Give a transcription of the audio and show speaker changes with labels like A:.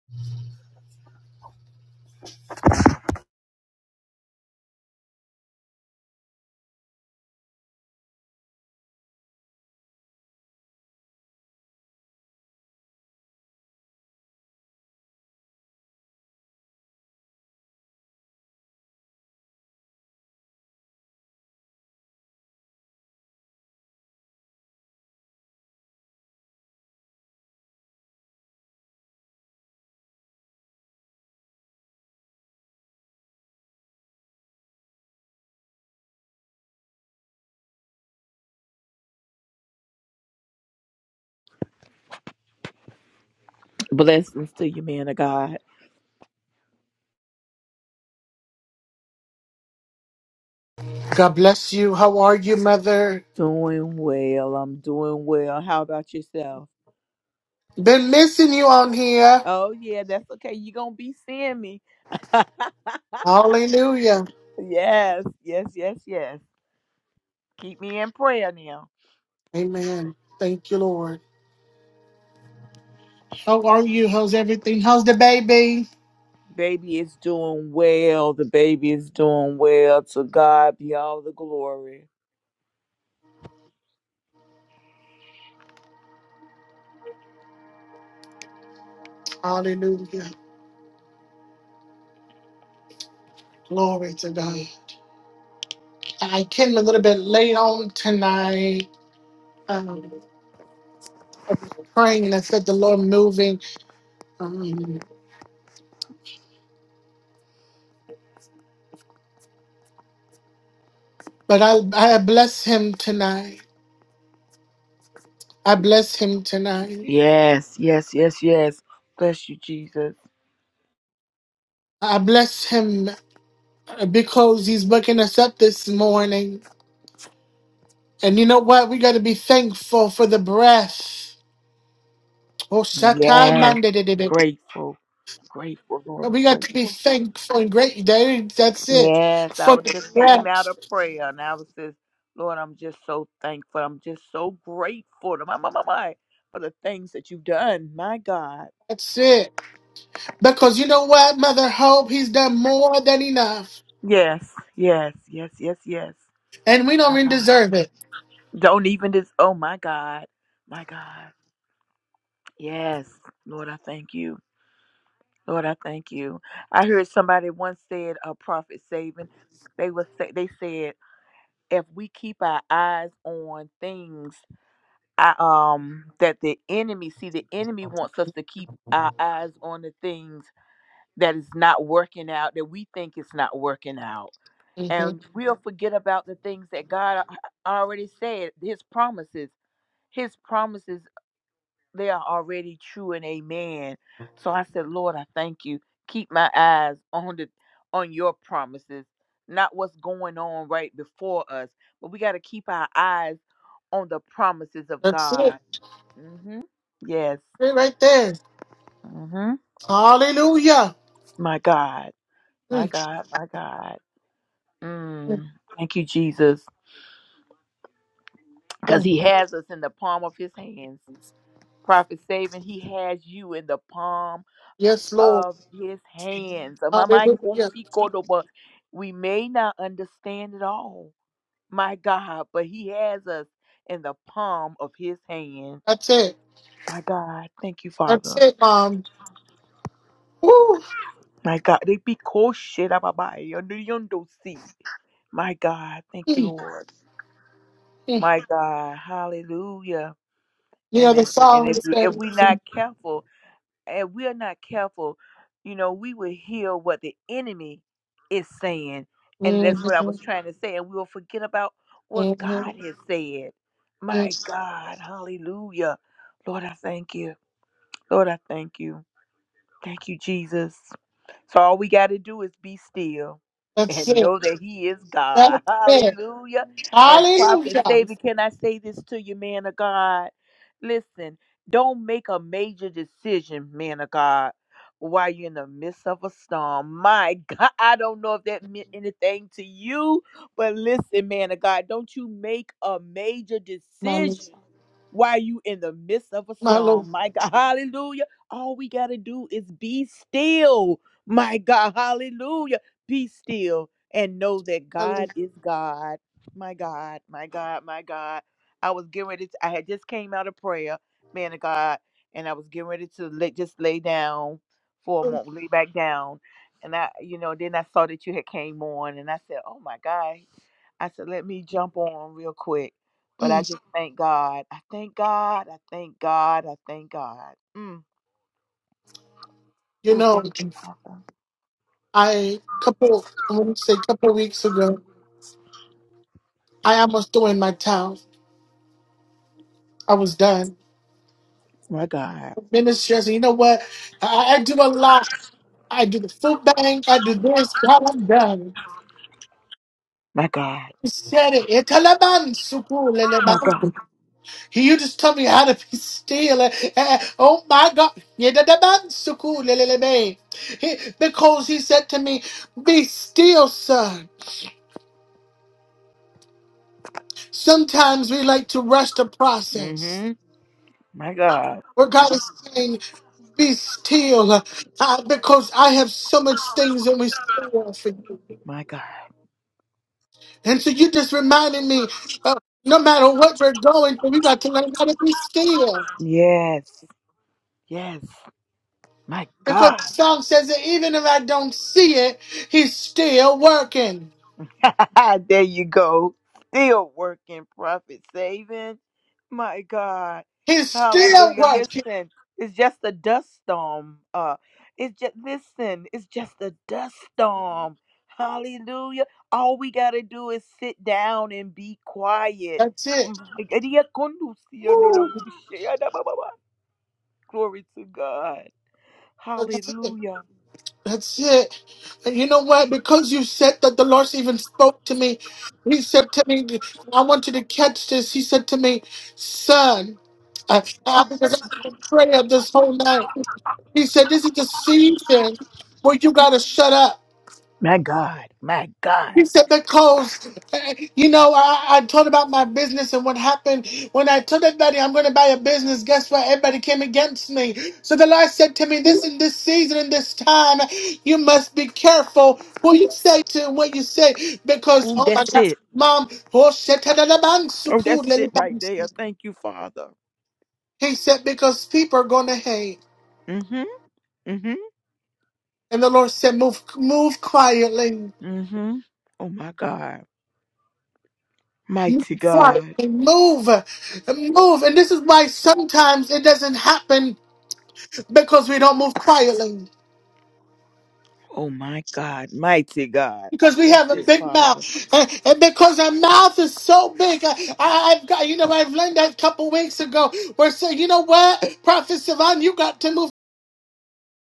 A: Blessings to you, man of God.
B: God bless you. How are you, Mother?
A: Doing well. I'm doing well. How about yourself?
B: Been missing you on here.
A: Oh, yeah, that's okay. You're going to be seeing me.
B: Hallelujah.
A: yes, yes, yes, yes. Keep me in prayer now.
B: Amen. Thank you, Lord. How are you? How's everything? How's the baby?
A: Baby is doing well. The baby is doing well. To God be all the glory.
B: Hallelujah. Glory to God. I came a little bit late on tonight, um, praying and I said the Lord moving. Um, but I, I bless him tonight. I bless him tonight.
A: Yes, yes, yes, yes. Bless you, Jesus.
B: I bless him because he's waking us up this morning. And you know what? We got to be thankful for the breath. Oh, Satan,
A: Yes.
B: man, did it, did it.
A: Grateful, grateful, Lord. I'm
B: We got to be
A: grateful.
B: thankful and great. that- That's it.
A: Yes, I
B: For
A: was,
B: the
A: just came
B: breath.
A: out of prayer and I was just, Lord, I'm just so thankful. I'm just so grateful to my, my, my, my for the things that you've done. My God.
B: That's it. Because you know what, Mother Hope? He's done more than enough.
A: Yes, yes, yes, yes, yes.
B: And we don't
A: My
B: even
A: God.
B: deserve it.
A: Don't even this. Oh, my God. My God. Yes, Lord, I thank you. Lord, I thank you. I heard somebody once said, a prophet saving. They was say, they said, if we keep our eyes on things I, um that the enemy see the enemy wants us to keep our eyes on the things that is not working out that we think it's not working out
B: Mhm.
A: and we'll Mhm. forget about the things that god a- already said his promises his promises they are already true and amen so i said lord i thank you keep my eyes on the on your promises not what's going on right before us but we got to keep our eyes on the promises of
B: That's
A: god
B: it.
A: hmm Yes.
B: Right right there.
A: hmm
B: Hallelujah.
A: My God. My
B: Mm,
A: God. My God. Mm. Thank you, Jesus. Because
B: mm.
A: he has us in the palm of his hands. Prophet Saving, he has you in the palm
B: Yes, Lord.
A: of his hands. Am I my
B: Hallelujah.
A: Kosi Kodoba? We may not understand it all, my God, but he has us in the palm of his hand.
B: That's it.
A: My God. Thank you,
B: That's
A: Father.
B: it, Mom. Woo.
A: My God. They be cold shit. Under the si. My God, thank you,
B: Mm,
A: Lord.
B: mm.
A: My God, hallelujah.
B: You
A: And
B: know, the
A: then, and
B: song
A: if you, if
B: says,
A: we not careful, and we are not careful, you know, we will hear what the enemy is saying, and that's what I was
B: Mhm.
A: trying to say. And we will forget about what God
B: Mhm.
A: has said. My
B: Yes.
A: God, hallelujah, Lord, I thank you. Lord, I thank you. Thank you, Jesus. So all we got to do is be still
B: That's
A: and
B: it.
A: know that He is God.
B: That's it.
A: Hallelujah. And prophet
B: Hallelujah.
A: Savior, can I say this to you, man of God? Listen, don't make a major decision, man of God, while you're in the midst of a storm. My God, I don't know if that meant anything to you, but listen, man of God, don't you make a major
B: My Lord.
A: decision while you in the midst of a
B: My Lord.
A: storm. My God, hallelujah. All we got to do is be still my God, hallelujah. Be still and know that
B: My
A: God
B: Lord.
A: is God. My God, my God, my God. I was getting ready to, I had just came out of prayer, man of God, and I was getting ready to lay, just lay down for a moment, lay back down. And I, you know, then I saw that you had came on and I said, oh my God. I said, let me jump on real quick. But I
B: Mm.
A: just thank God. I thank God. I thank God. I thank God. Mm.
B: You
A: Ooh,
B: know,
A: thank you, Father.
B: I couple I want to say a couple of weeks ago, I almost threw in my towel. I was done.
A: My God.
B: Ministry, I said, you know what? I, I do a lot. I do the food bank. I do this. God, I'm done.
A: My God.
B: He said it.
A: My God.
B: Can you just tell me how to be still? Eh, eh, Oh my God. Yedadabansukulelelebe. He- Because he said to me, Be still, son. Sometimes we like to rush the process.
A: Mm-hmm. My God.
B: Where God is saying, Be still, uh, because I have so much things in store for you.
A: My God.
B: And so you just reminded me, uh, no matter what we're going through, we got to learn how to be still.
A: Yes. Yes. My
B: Because the
A: God.
B: song says that even if I don't see it, he's still working.
A: there you go. Still working, profit saving. My God.
B: He's still
A: Hallelujah.
B: working.
A: Listen, it's just a dust storm. Uh it's just listen, it's just a dust storm. Hallelujah. All we gotta do is sit down and be quiet.
B: That's it. Woo.
A: Glory to God.
B: That's it.
A: Hallelujah.
B: That's it. And you know what? Because you said that the Lord even spoke to me, He said to me, I want you to catch this. He said to me, Son, I, I, because I did a prayer this whole night. He said, This is the season where you got to shut up.
A: My God. My
B: He
A: God.
B: said, because, you know, I, I told about my business and what happened. When I told everybody I'm going to buy a business, guess what? Everybody came against me. So the Lord said to me, this in this season and this time, you must be careful what you say to and what you say. Because,
A: Ooh,
B: oh
A: that's
B: my God,
A: it.
B: mom, oh, shit, ta- da- da- bang,
A: Oh,
B: suku,
A: that's it
B: le-
A: right
B: bang.
A: there. Thank you, Father.
B: he said, because people are going to hate.
A: Mm-hmm. Mm-hmm.
B: And the Lord said, move, move quietly.
A: Mm-hmm. Oh my God. Mighty
B: Right.
A: God.
B: Move. Move. And this is why sometimes it doesn't happen because we don't move quietly.
A: Oh my God. Mighty God.
B: Because we
A: That's
B: have a
A: it,
B: big
A: Father.
B: mouth. And and because our mouth is so big. I, I- I've got, you know, I've learned that a couple weeks ago where say, you know what, Prophet Sivan, you got to move.